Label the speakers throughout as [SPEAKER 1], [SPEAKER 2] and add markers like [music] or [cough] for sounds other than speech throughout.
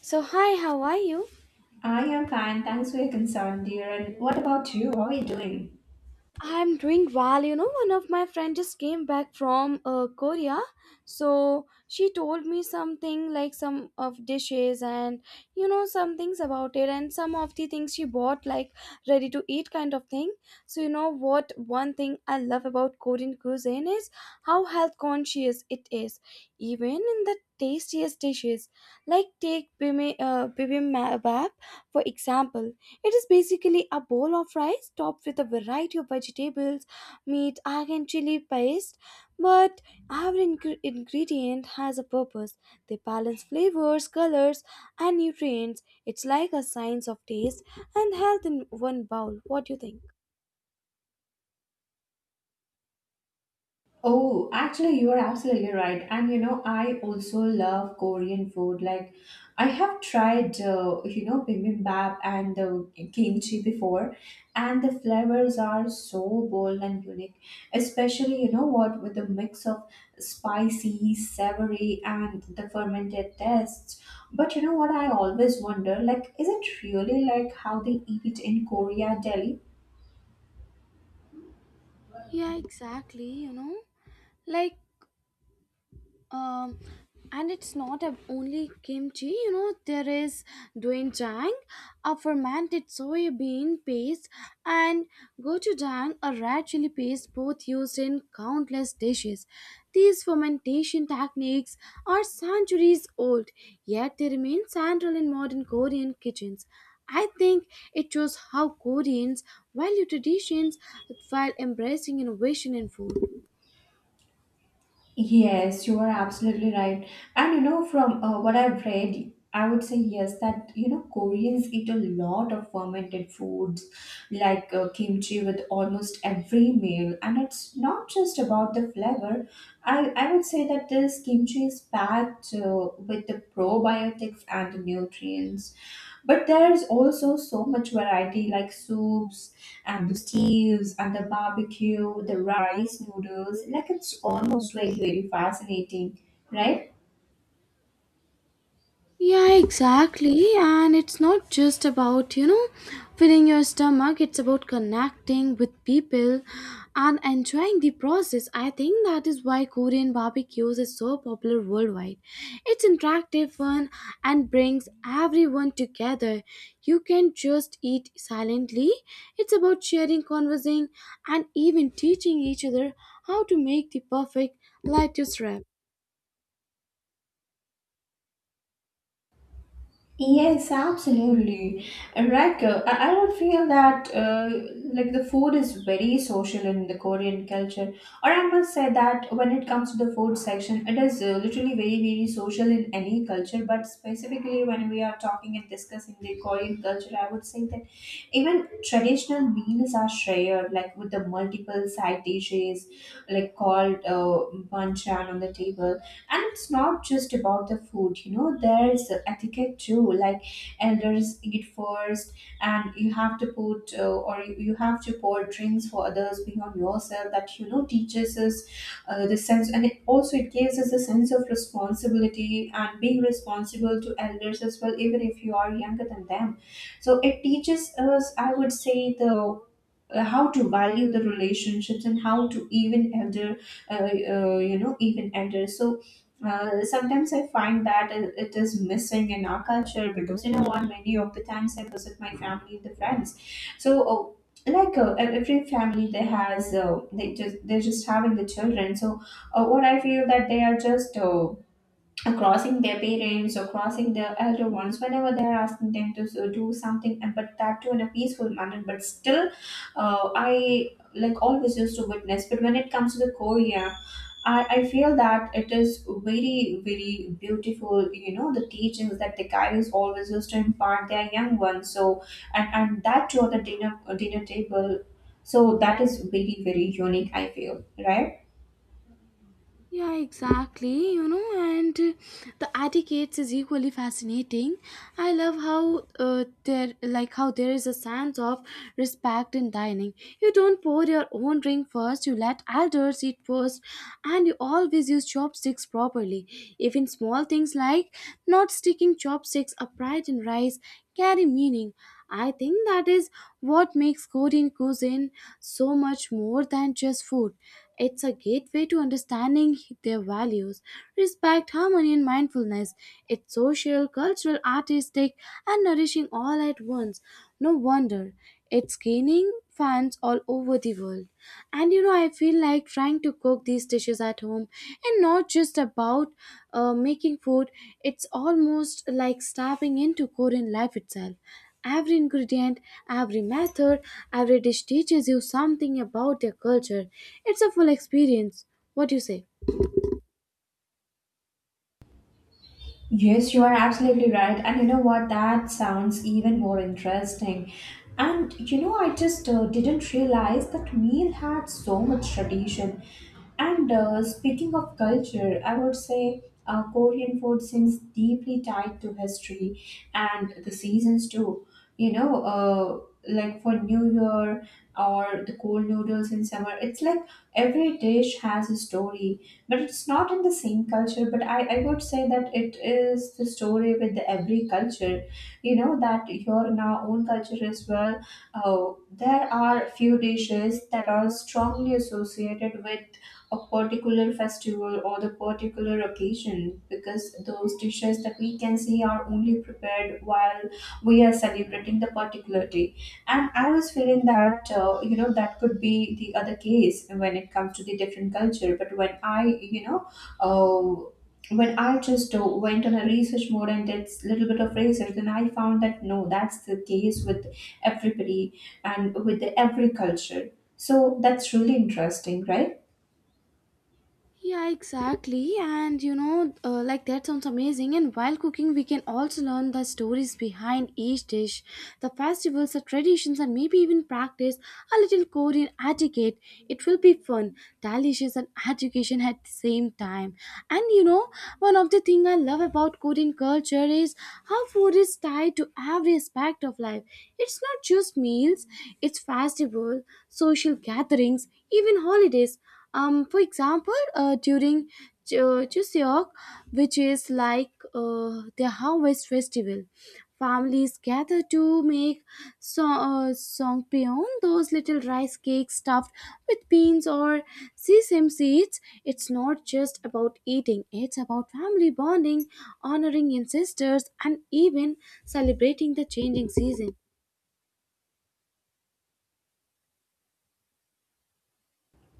[SPEAKER 1] So, hi, how are you?
[SPEAKER 2] I am fine. Thanks for your concern, dear. And what about you? How are you doing?
[SPEAKER 1] I'm doing well. You know, one of my friends just came back from Korea. So, she told me something like some of dishes and, you know, some things about it and some of the things she bought, like ready to eat kind of thing. So, you know what? One thing I love about Korean cuisine is how health conscious it is, even in the tastiest dishes. Like, take bibimbap, for example. It is basically a bowl of rice topped with a variety of vegetables, meat, egg, and chili paste. But every ingredient has a purpose. They balance flavors, colors, and nutrients. It's like a science of taste and health in one bowl. What do you think?
[SPEAKER 2] Oh, actually, you are absolutely right. And you know, I also love Korean food. Like, I have tried, you know, bibimbap and the kimchi before, and the flavors are so bold and unique. Especially, you know, what with the mix of spicy, savory, and the fermented tastes. But you know what? I always wonder, like, is it really like how they eat in Korea, Delhi?
[SPEAKER 1] Yeah, exactly, you know. Like, um and it's not a, only kimchi, you know, there is doenjang, a fermented soybean paste, and gochujang, a red chili paste, both used in countless dishes. These fermentation techniques are centuries old, yet they remain central in modern Korean kitchens. I think it shows how Koreans value traditions while embracing innovation in food.
[SPEAKER 2] Yes, you are absolutely right. And you know, from what I've read, I would say yes, that you know, Koreans eat a lot of fermented foods like kimchi with almost every meal. And it's not just about the flavor. I would say that this kimchi is packed with the probiotics and the nutrients. But there's also so much variety like soups and the stews and the barbecue, the rice noodles. Like it's almost like very fascinating, right?
[SPEAKER 1] Yeah, exactly. And it's not just about, you know, filling your stomach, it's about connecting with people and enjoying the process. I think that is why Korean barbecues is so popular worldwide. It's interactive, fun, and brings everyone together. You can just eat silently. It's about sharing, conversing, and even teaching each other how to make the perfect lettuce wrap.
[SPEAKER 2] Yes, absolutely. Right. I don't feel that like the food is very social in the Korean culture. Or I must say that when it comes to the food section, it is literally very, very social in any culture. But specifically when we are talking and discussing the Korean culture, I would say that even traditional meals are shared, like with the multiple side dishes, like called banchan on the table. And it's not just about the food, you know, there's etiquette too, like elders eat first, and you have to put or you have to pour drinks for others beyond yourself, that you know teaches us the sense, and it also it gives us a sense of responsibility and being responsible to elders as well, even if you are younger than them. So it teaches us, I would say, the how to value the relationships, and how to even elder, uh, you know, even elder. So sometimes I find that it is missing in our culture because you know what, many of the times I visit my family and the friends. So like every family, they has they just they're just having the children. So what I feel that they are just crossing their parents or crossing the elder ones whenever they're asking them to do something. And but that too in a peaceful manner, but still uh, I like always used to witness. But when it comes to the Korea, I feel that it is very, very beautiful, you know, the teachings that the guys always used to impart their young ones. So and that too on the dinner table. So that is very, very unique, I feel, right?
[SPEAKER 1] Yeah, exactly. You know, and the etiquettes is equally fascinating. I love how like how there is a sense of respect in dining. You don't pour your own drink first. You let elders eat first, and you always use chopsticks properly. Even small things like not sticking chopsticks upright in rice carry meaning. I think that is what makes Korean cuisine so much more than just food. It's a gateway to understanding their values, respect, harmony, and mindfulness. It's social, cultural, artistic, and nourishing all at once. No wonder it's gaining fans all over the world. And you know, I feel like trying to cook these dishes at home and not just about making food, it's almost like stepping into Korean life itself. Every ingredient, every method, every dish teaches you something about their culture. It's a full experience. What do you say?
[SPEAKER 2] Yes, you are absolutely right. And you know what? That sounds even more interesting. And you know, I just didn't realize that meal had so much tradition. And speaking of culture, I would say Korean food seems deeply tied to history and the seasons too. You know, like for New Year or the cold noodles in summer, it's like every dish has a story, but it's not in the same culture. But I would say that it is the story with the every culture. You know, that here in our own culture as well, there are few dishes that are strongly associated with a particular festival or the particular occasion, because those dishes that we can see are only prepared while we are celebrating the particular day. And I was feeling that you know, that could be the other case when it comes to the different culture. But when I, you know, uh, when I just went on a research mode and did a little bit of research, then I found that no, that's the case with everybody and with the every culture. So that's really interesting, right?
[SPEAKER 1] Yeah, exactly. And you know, like that sounds amazing. And while cooking, we can also learn the stories behind each dish, the festivals, the traditions, and maybe even practice a little Korean etiquette. It will be fun, delicious, and education at the same time. And you know, one of the things I love about Korean culture is how food is tied to every aspect of life. It's not just meals, it's festival, social gatherings, even holidays. For example, during Chuseok, which is like the harvest festival, families gather to make so, songpyeon, those little rice cakes stuffed with beans or sesame seeds. It's not just about eating; it's about family bonding, honoring ancestors, and even celebrating the changing season.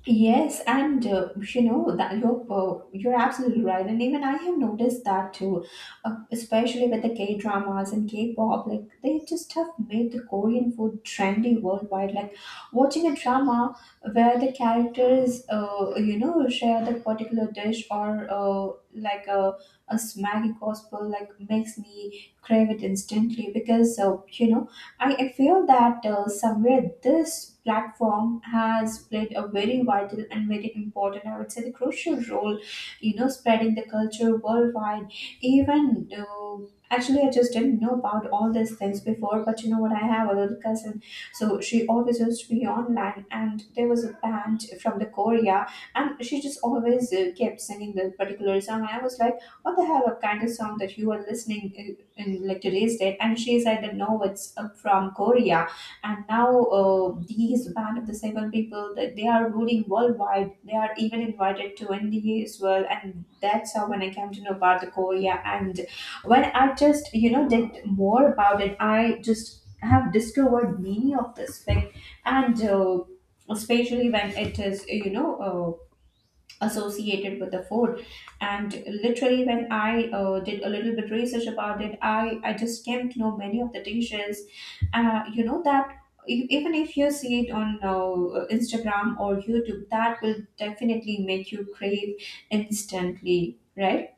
[SPEAKER 2] Yes, and you know that you're absolutely right, and even I have noticed that too, especially with the K dramas and K-pop. Like they just have made the Korean food trendy worldwide. Like watching a drama where the characters, you know, share the particular dish, or like a smaggy gospel, like makes me crave it instantly, because you know, I feel that somewhere this platform has played a very vital and very important, I would say, the crucial role, you know, spreading the culture worldwide. Even actually, I just didn't know about all these things before. But you know what? I have a little cousin, so she always used to be online, and there was a band from the Korea, and she just always kept singing the particular song. And I was like, what the hell of kind of song that you are listening in like today's date. And she said that no, it's from Korea. And now these band of the seven people that they are ruling worldwide, they are even invited to India as well. And that's how when I came to know about the Korea, and when I just, you know, did more about it, I just have discovered many of this thing. And especially when it is, you know, associated with the food. And literally when I did a little bit research about it, I just came to know many of the dishes, you know, that even if you see it on Instagram or YouTube, that will definitely make you crave instantly, right?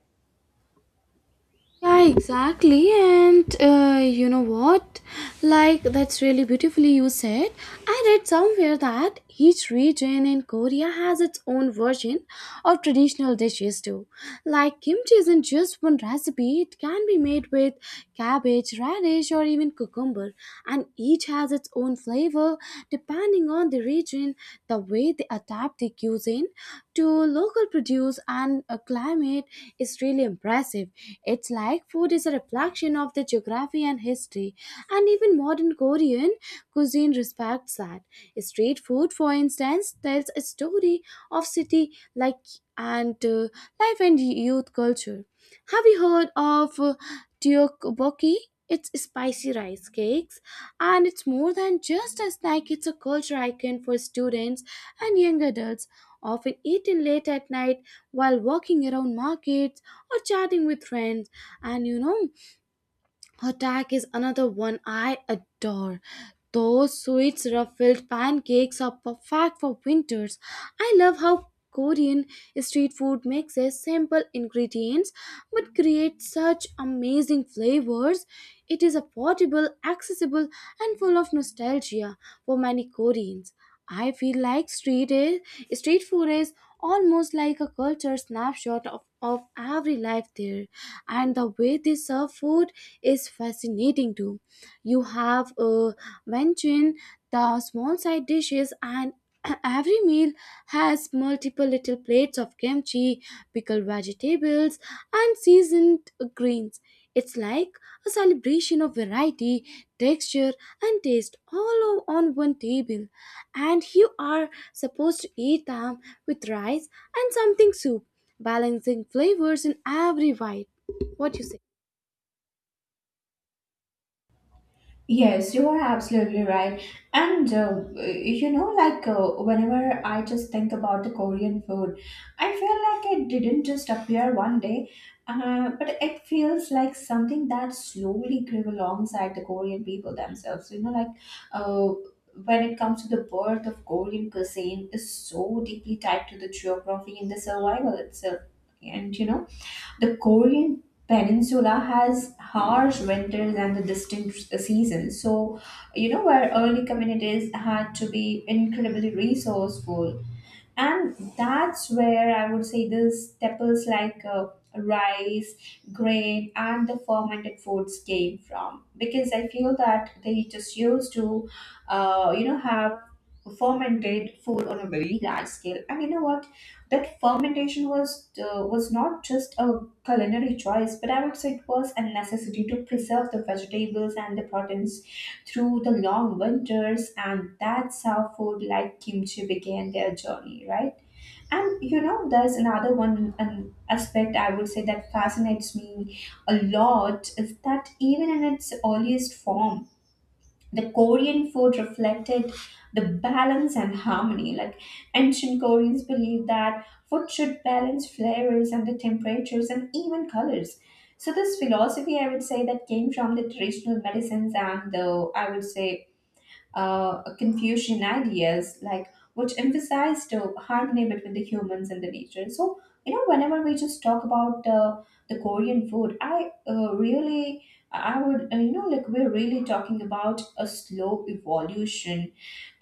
[SPEAKER 1] Yeah, exactly. And you know what? Like, that's really beautifully you said. I read somewhere that each region in Korea has its own version of traditional dishes too. Like, kimchi isn't just one recipe, it can be made with cabbage, radish, or even cucumber, and each has its own flavor depending on the region. The way they adapt the cuisine to local produce and a climate is really impressive. It's like food is a reflection of the geography and history, and even modern Korean cuisine respects that. Street food, for instance, tells a story of city like and life and youth culture. Have you heard of Tteokbokki? It's spicy rice cakes, and it's more than just a snack. It's a culture icon for students and young adults, often eaten late at night while walking around markets or chatting with friends. And you know, Hotak is another one I adore. Those sweet ruffled pancakes are perfect for winters. I love how Korean street food mixes simple ingredients but creates such amazing flavors. It is affordable, accessible, and full of nostalgia for many Koreans. I feel like street food is almost like a culture snapshot of every life there, and the way they serve food is fascinating too. You have mentioned the small side dishes, and [clears throat] every meal has multiple little plates of kimchi, pickled vegetables and seasoned greens. It's like a celebration of variety, texture and taste all on one table. And you are supposed to eat them with rice and something soup, balancing flavors in every bite. What you say?
[SPEAKER 2] Yes, you are absolutely right. And you know, like whenever I just think about the Korean food, I feel like it didn't just appear one day, but it feels like something that slowly grew alongside the Korean people themselves. You know, like uh, when it comes to the birth of Korean cuisine is so deeply tied to the geography and the survival itself. And you know, the Korean peninsula has harsh winters and the distinct seasons. So, you know, where early communities had to be incredibly resourceful. And that's where I would say the staples like rice, grain, and the fermented foods came from. Because I feel that they just used to, you know, have fermented food on a very large scale. And you know what, that fermentation was, was not just a culinary choice, but I would say it was a necessity to preserve the vegetables and the proteins through the long winters. And that's how food like kimchi began their journey, right? And you know, there's another one, an aspect I would say that fascinates me a lot is that even in its earliest form, the Korean food reflected the balance and harmony. Like ancient Koreans believed that food should balance flavors and the temperatures and even colors. So this philosophy, I would say, that came from the traditional medicines and the, I would say, Confucian ideas, like which emphasized the harmony between the humans and the nature. So you know, whenever we just talk about the Korean food, I really, I would, you know, like we're really talking about a slow evolution,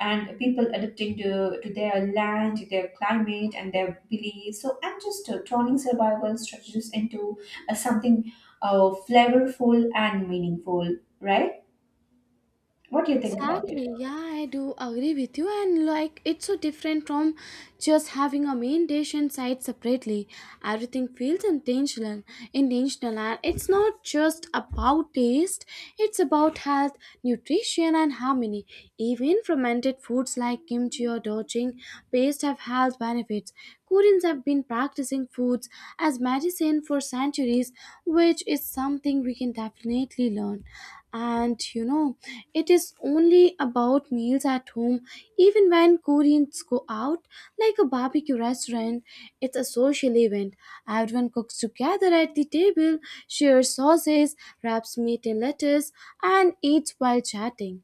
[SPEAKER 2] and people adapting to their land, to their climate, and their beliefs. So I'm just turning survival strategies into something flavorful and meaningful, right? What do you think about it?
[SPEAKER 1] Exactly. Yeah, I do agree with you. And like, it's so different from just having a main dish and side separately. Everything feels intentional, and it's not just about taste. It's about health, nutrition, and harmony. Even fermented foods like kimchi or dojing paste have health benefits. Koreans have been practicing foods as medicine for centuries, which is something we can definitely learn. And you know, it is only about meals at home. Even when Koreans go out, like a barbecue restaurant, it's a social event. Everyone cooks together at the table, shares sauces, wraps meat in lettuce, and eats while chatting.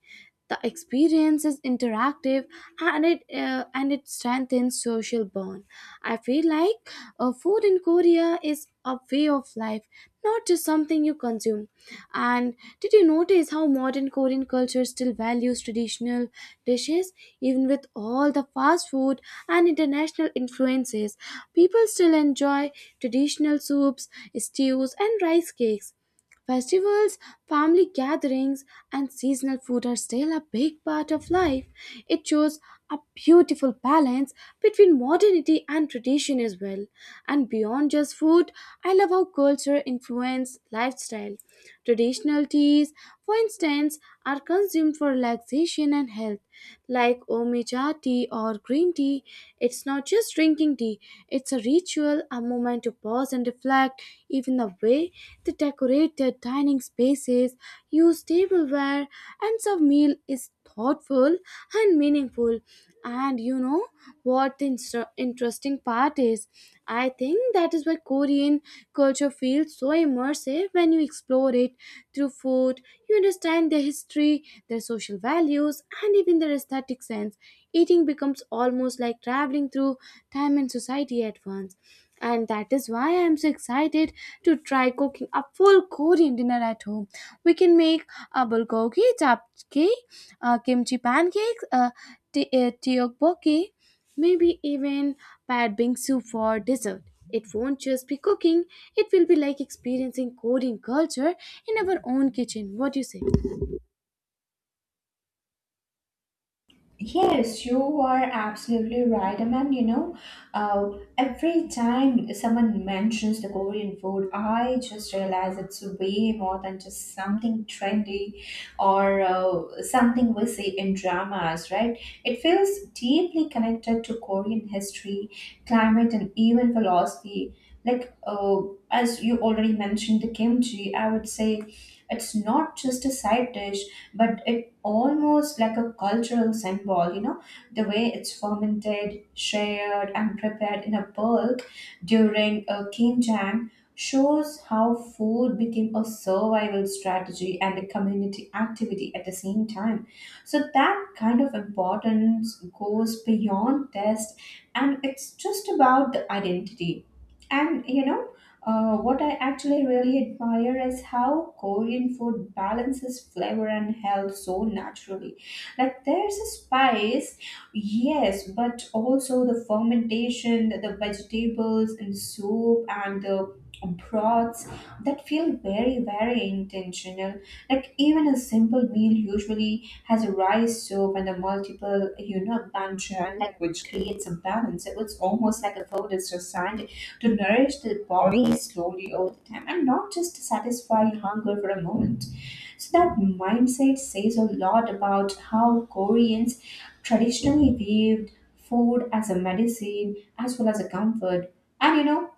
[SPEAKER 1] The experience is interactive, and it strengthens social bond. I feel like food in Korea is a way of life, not just something you consume. And did you notice how modern Korean culture still values traditional dishes even with all the fast food and international influences? People still enjoy traditional soups, stews, and rice cakes. Festivals, family gatherings, and seasonal food are still a big part of life. It shows a beautiful balance between modernity and tradition as well. And beyond just food, I love how culture influences lifestyle. Traditional teas, for instance, are consumed for relaxation and health, like Omecha tea or green tea. It's not just drinking tea, it's a ritual, a moment to pause and reflect. Even the way they decorate their dining spaces, use tableware, and serve meal is thoughtful and meaningful. And you know what the interesting part is? I think that is why Korean culture feels so immersive when you explore it through food. You understand their history, their social values, and even their aesthetic sense. Eating becomes almost like traveling through time and society at once. And that is why I am so excited to try cooking a full Korean dinner at home. We can make a bulgogi, japchae, kimchi pancakes, tteokbokki, maybe even pad bing soup for dessert. It won't just be cooking, it will be like experiencing Korean culture in our own kitchen. What do you say?
[SPEAKER 2] Yes, you are absolutely right. I mean, you know, uh, every time someone mentions the Korean food, I just realize it's way more than just something trendy or something we see in dramas, right? It feels deeply connected to Korean history, climate, and even philosophy. Like, as you already mentioned, the kimchi, I would say it's not just a side dish, but it almost like a cultural symbol, you know, the way it's fermented, shared, and prepared in a bulk during a Kimjang shows how food became a survival strategy and a community activity at the same time. So that kind of importance goes beyond taste, and it's just about the identity. And you know, what I actually really admire is how Korean food balances flavor and health so naturally. Like there's a spice, yes, but also the fermentation, the vegetables and soup and the broths that feel very, very intentional. Like even a simple meal usually has a rice soup and a multiple, you know, bancha, like which creates a balance. It's almost like a food is designed to nourish the body slowly over the time, and not just satisfy hunger for a moment. So that mindset says a lot about how Koreans traditionally viewed food as a medicine as well as a comfort. And you know,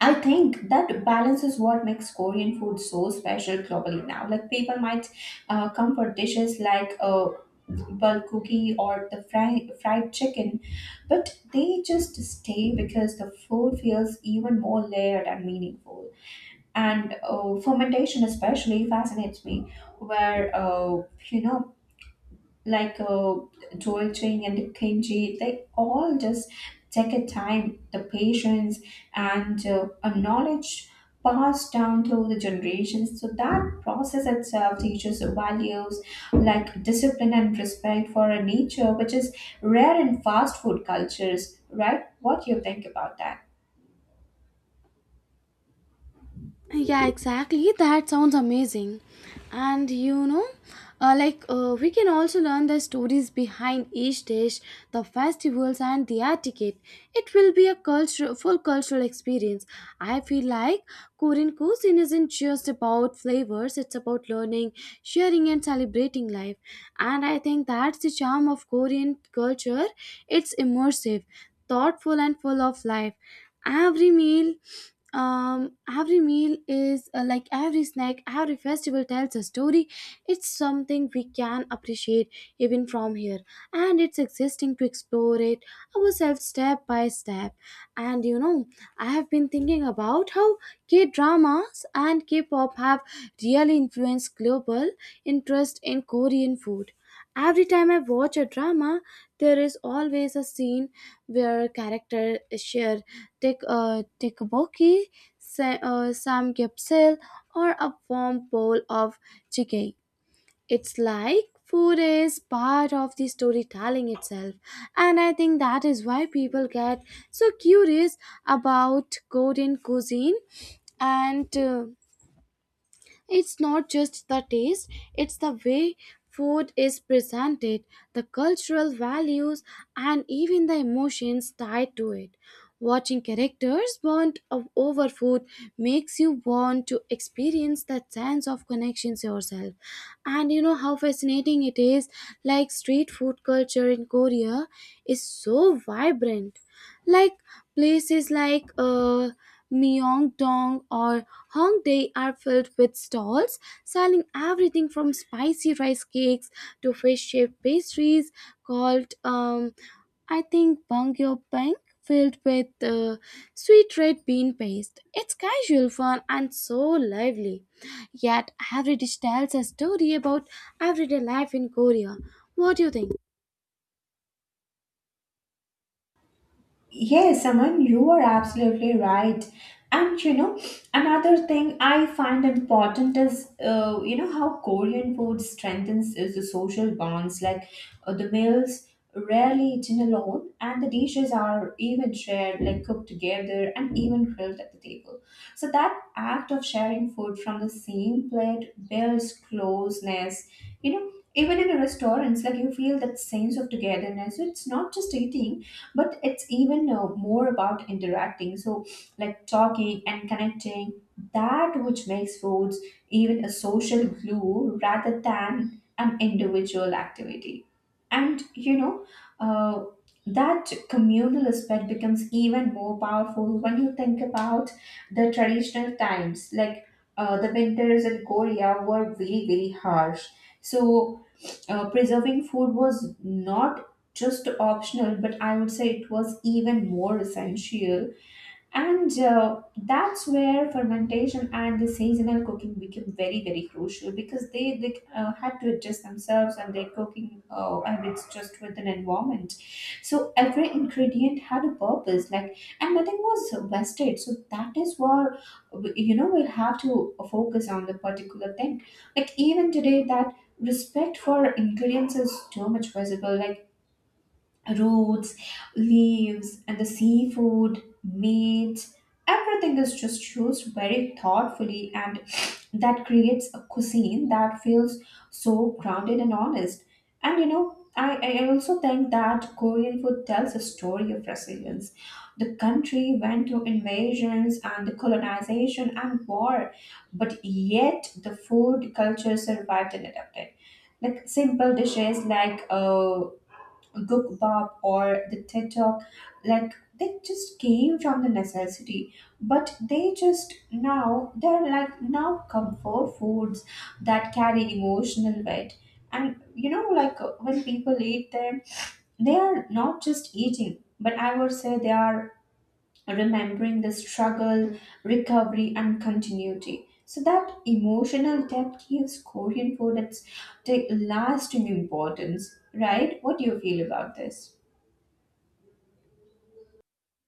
[SPEAKER 2] I think that balance is what makes Korean food so special globally now. Like people might come for dishes like bulgogi or the fried chicken, but they just stay because the food feels even more layered and meaningful. And fermentation especially fascinates me, where you know like uh, Joel Chang and Kim Ji, they all just take a time, the patience, and a knowledge passed down through the generations. So that process itself teaches values like discipline and respect for a nature, which is rare in fast food cultures, right? What do you think about that?
[SPEAKER 1] Yeah, exactly. That sounds amazing. And you know, we can also learn the stories behind each dish, the festivals, and the etiquette. It will be a full cultural experience. I feel like Korean cuisine isn't just about flavors; it's about learning, sharing, and celebrating life. And I think that's the charm of Korean culture. It's immersive, thoughtful, and full of life. Every meal every meal is like every snack, every festival tells a story. It's something we can appreciate even from here, and it's existing to explore it ourselves step by step. And you know, I have been thinking about how K dramas and k pop have really influenced global interest in Korean food. Every time I watch a drama, there is always a scene where characters share Take a Dick Buckey, Sam, or a warm bowl of jjigae. It's like food is part of the storytelling itself, and I think that is why people get so curious about Korean cuisine and. It's not just the taste, it's the way food is presented, the cultural values, and even the emotions tied to it. Watching characters bond over food makes you want to experience that sense of connections yourself. And you know how fascinating it is, like street food culture in Korea is so vibrant. Like places like Myeongdong or Hong Dae are filled with stalls selling everything from spicy rice cakes to fish-shaped pastries called, I think, Bangyo Bang, filled with sweet red bean paste. It's casual fun and so lively. Yet every dish tells a story about everyday life in Korea. What do you think?
[SPEAKER 2] Yes, Aman, you are absolutely right. And you know, another thing I find important is, how Korean food strengthens is the social bonds. Like the meals rarely eaten alone, and the dishes are even shared, like cooked together and even grilled at the table. So that act of sharing food from the same plate builds closeness. You know, even in a restaurants, like you feel that sense of togetherness. So it's not just eating but it's even more about interacting, so like talking and connecting that which makes foods even a social glue rather than an individual activity. And you know, uh, that communal aspect becomes even more powerful when you think about the traditional times, like the winters in Korea were really very harsh. So preserving food was not just optional, but I would say it was even more essential. And that's where fermentation and the seasonal cooking became very, very crucial because they had to adjust themselves and their cooking habits just with an environment. So every ingredient had a purpose, like, and nothing was wasted. So that is where, you know, we'll have to focus on the particular thing. Like, even today, that respect for ingredients is too much visible. Like, roots, leaves, and the seafood, meat. Everything is just used very thoughtfully, and that creates a cuisine that feels so grounded and honest. And you know, I also think that Korean food tells a story of resilience. The country went through invasions and the colonization and war, but yet the food culture survived and adapted, like simple dishes like Googbop or the TED Talk, like they just came from the necessity, but they just now they're like now comfort foods that carry emotional weight. And you know, like when people eat them, they are not just eating, but I would say they are remembering the struggle, recovery, and continuity. So that emotional depth gives Korean food its the lasting importance, right? What do you feel about this?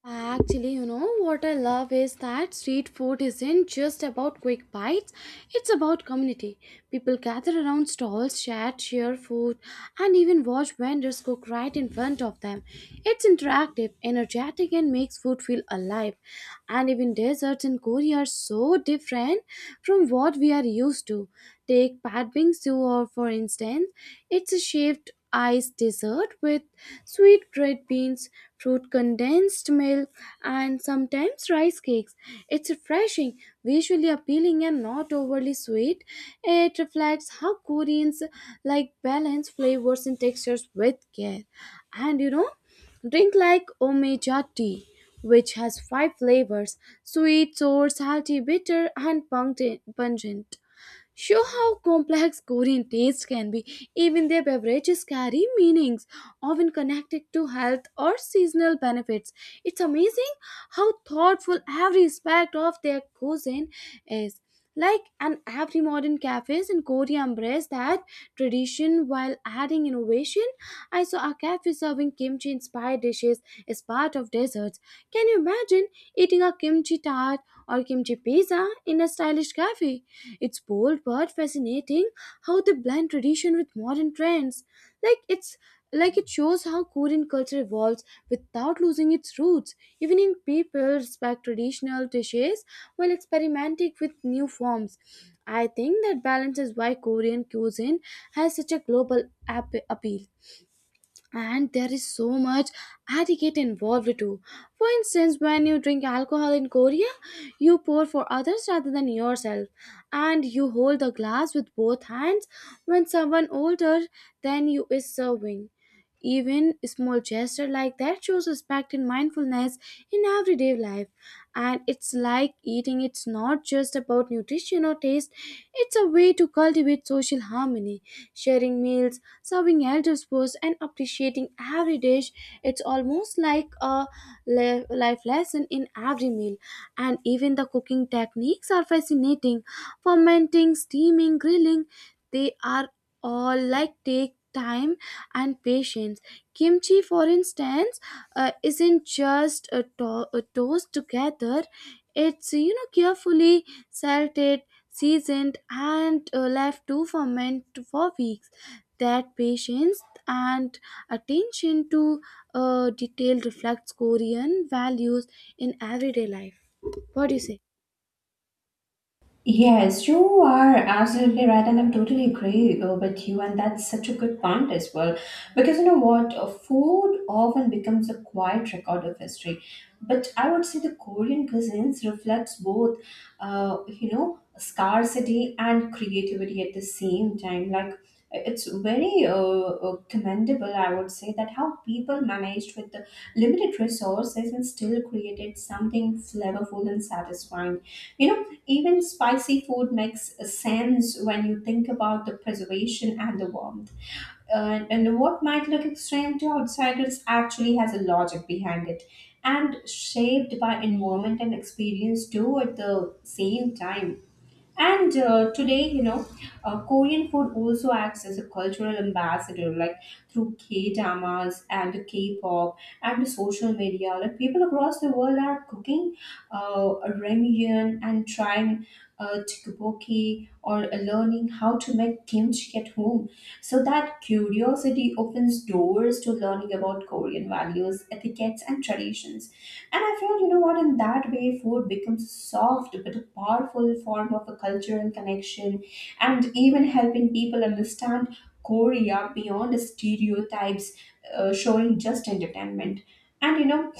[SPEAKER 1] Actually, you know, what I love is that street food isn't just about quick bites, it's about community. People gather around stalls, chat, share food, and even watch vendors cook right in front of them. It's interactive, energetic, and makes food feel alive. And even desserts in Korea are so different from what we are used to. Take Pat Bingsu, or for instance, it's a shaped ice dessert with sweet red beans, fruit condensed milk, and sometimes rice cakes. It's refreshing, visually appealing, and not overly sweet. It reflects how Koreans like balanced flavors and textures with care. And you know, drink like Omeja tea. Which has five flavors sweet, sour, salty, bitter, and pungent show how complex Korean taste can be. Even their beverages carry meanings, often connected to health or seasonal benefits. It's amazing how thoughtful every aspect of their cuisine is. Like, and every modern cafes in Korea embrace that tradition while adding innovation. I saw a cafe serving kimchi inspired dishes as part of desserts. Can you imagine eating a kimchi tart or kimchi pizza in a stylish cafe? It's bold but fascinating how they blend tradition with modern trends. Like it's like it shows how Korean culture evolves without losing its roots. Even in people respect traditional dishes while experimenting with new forms. I think that balance is why Korean cuisine has such a global appeal, and there is so much etiquette involved too. For instance, when you drink alcohol in Korea, you pour for others rather than yourself, and you hold the glass with both hands when someone older than you is serving. Even a small gesture like that shows respect and mindfulness in everyday life. And it's like eating, it's not just about nutrition or taste, it's a way to cultivate social harmony, sharing meals, serving elder's first, and appreciating every dish. It's almost like a life lesson in every meal. And even the cooking techniques are fascinating. Fermenting, steaming, grilling, they are all like take time and patience. Kimchi, for instance, isn't just a, a toast together. It's carefully salted, seasoned, and left to ferment for weeks. That patience and attention to detail reflects Korean values in everyday life. What do you say?
[SPEAKER 2] Yes, you are absolutely right, and I'm totally agree with you, and that's such a good point as well. Because you know what, food often becomes a quiet record of history, but I would say the Korean cuisines reflects both, you know, scarcity and creativity at the same time. Like it's very commendable, I would say, that how people managed with the limited resources and still created something flavorful and satisfying. You know, even spicy food makes sense when you think about the preservation and the warmth. And what might look extreme to outsiders actually has a logic behind it and shaped by environment and experience too at the same time. And today, you know, Korean food also acts as a cultural ambassador, like through K dramas and K pop and social media. Like people across the world are cooking uh, ramyun and trying tteokbokki or learning how to make kimchi at home. So that curiosity often opens doors to learning about Korean values, etiquettes, and traditions. And I feel, you know what, in that way, food becomes a soft but a powerful form of a cultural connection and even helping people understand Korea beyond the stereotypes, showing just entertainment. And you know,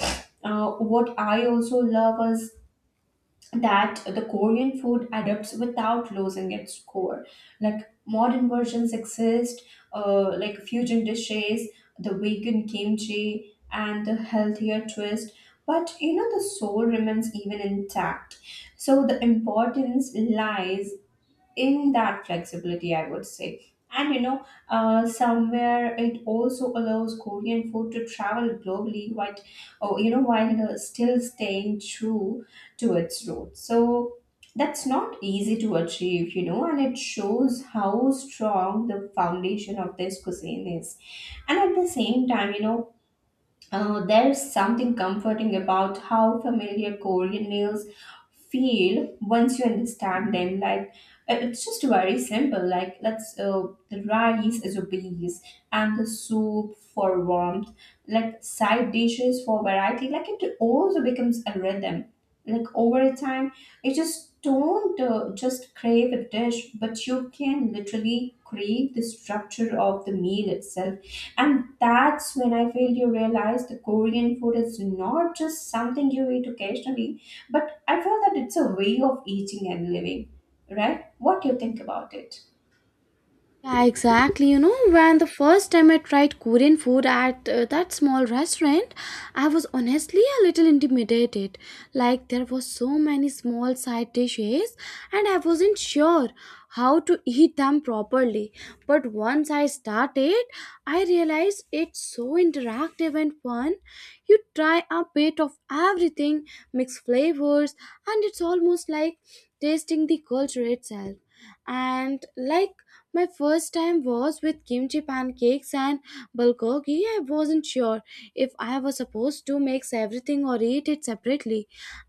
[SPEAKER 2] what I also love is that the Korean food adapts without losing its core. Like modern versions exist, like fusion dishes, the vegan kimchi, and the healthier twist. But you know, the soul remains even intact. So the importance lies in that flexibility, I would say. And you know, somewhere it also allows Korean food to travel globally, but oh, you know, while still staying true to its roots. So that's not easy to achieve, you know, and it shows how strong the foundation of this cuisine is. And at the same time, you know, there's something comforting about how familiar Korean meals feel once you understand them. Like it's just very simple. Like let's the rice is a base and the soup for warmth. Like side dishes for variety. Like it also becomes a rhythm, like over time you just don't just crave a dish, but you can literally crave the structure of the meal itself. And that's when I feel you realize the Korean food is not just something you eat occasionally, but I feel that it's a way of eating and living, right? What do you think about it?
[SPEAKER 1] Yeah, exactly. You know, when the first time I tried Korean food at that small restaurant, I was honestly a little intimidated. Like there was so many small side dishes and I wasn't sure how to eat them properly. But once I started, I realized it's so interactive and fun. You try a bit of everything, mix flavors, and it's almost like tasting the culture itself. And like my first time was with kimchi pancakes and bulgogi. I wasn't sure if I was supposed to mix everything or eat it separately,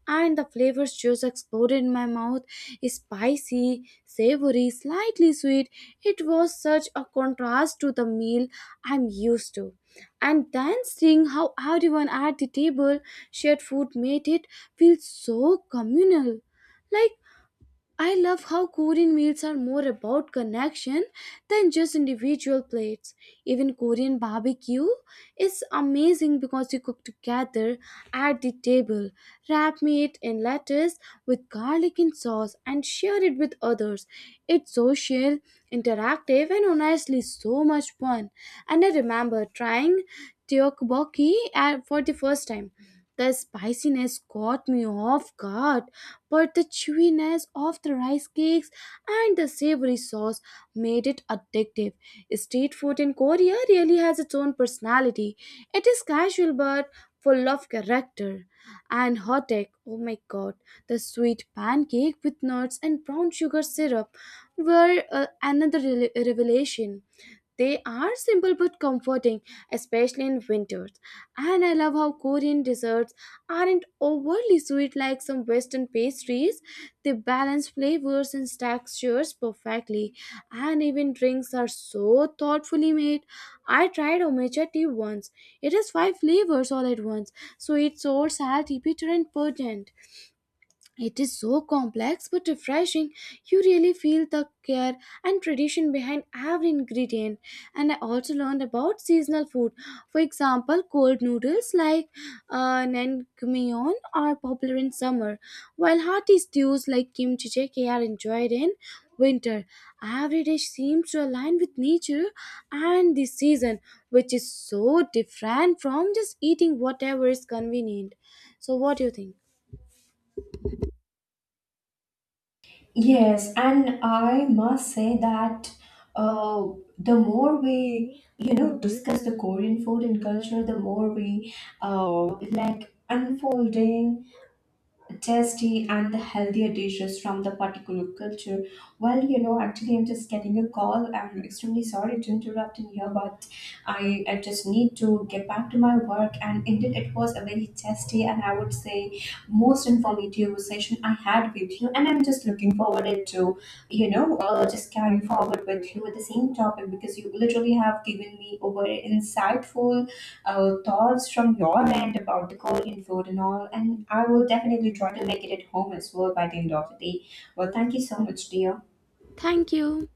[SPEAKER 1] and the flavors just exploded in my mouth spicy, savory, slightly sweet. It was such a contrast to the meal I'm used to. And then seeing how everyone at the table shared food made it feel so communal. Like I love how Korean meals are more about connection than just individual plates. Even Korean barbecue is amazing because you cook together at the table, wrap meat in lettuce with garlic and sauce, and share it with others. It's social, interactive, and honestly so much fun. And I remember trying tteokbokki for the first time. The spiciness caught me off guard but the chewiness of the rice cakes and the savory sauce made it addictive. Street food in Korea really has its own personality. It is casual but full of character. And hotek, oh my god, the sweet pancake with nuts and brown sugar syrup were another revelation. They are simple but comforting, especially in winters. And I love how Korean desserts aren't overly sweet like some Western pastries. They balance flavors and textures perfectly. And even drinks are so thoughtfully made. I tried omecha tea once. It has five flavors all at once sweet, sour, salty, bitter, and pungent. It is so complex but refreshing. You really feel the care and tradition behind every ingredient. And I also learned about seasonal food. For example, cold noodles like naengmyeon are popular in summer, while hearty stews like kimchi jjigae are enjoyed in winter. Every dish seems to align with nature and the season, which is so different from just eating whatever is convenient. So, what do you think?
[SPEAKER 2] Yes, and I must say that uh, the more we, you know, discuss the Korean food and culture, the more we uh, like unfolding tasty and the healthier dishes from the particular culture. Well, you know, actually, I'm just getting a call. I'm extremely sorry to interrupt in here, but I just need to get back to my work. And indeed, it was a very tasty and I would say most informative session I had with you. And I'm just looking forward it to, just carry forward with you with the same topic because you literally have given me over insightful thoughts from your end about the Korean food and all. And I will definitely try to make it at home as well by the end of the day. Well, thank you so much, dear.
[SPEAKER 1] Thank you.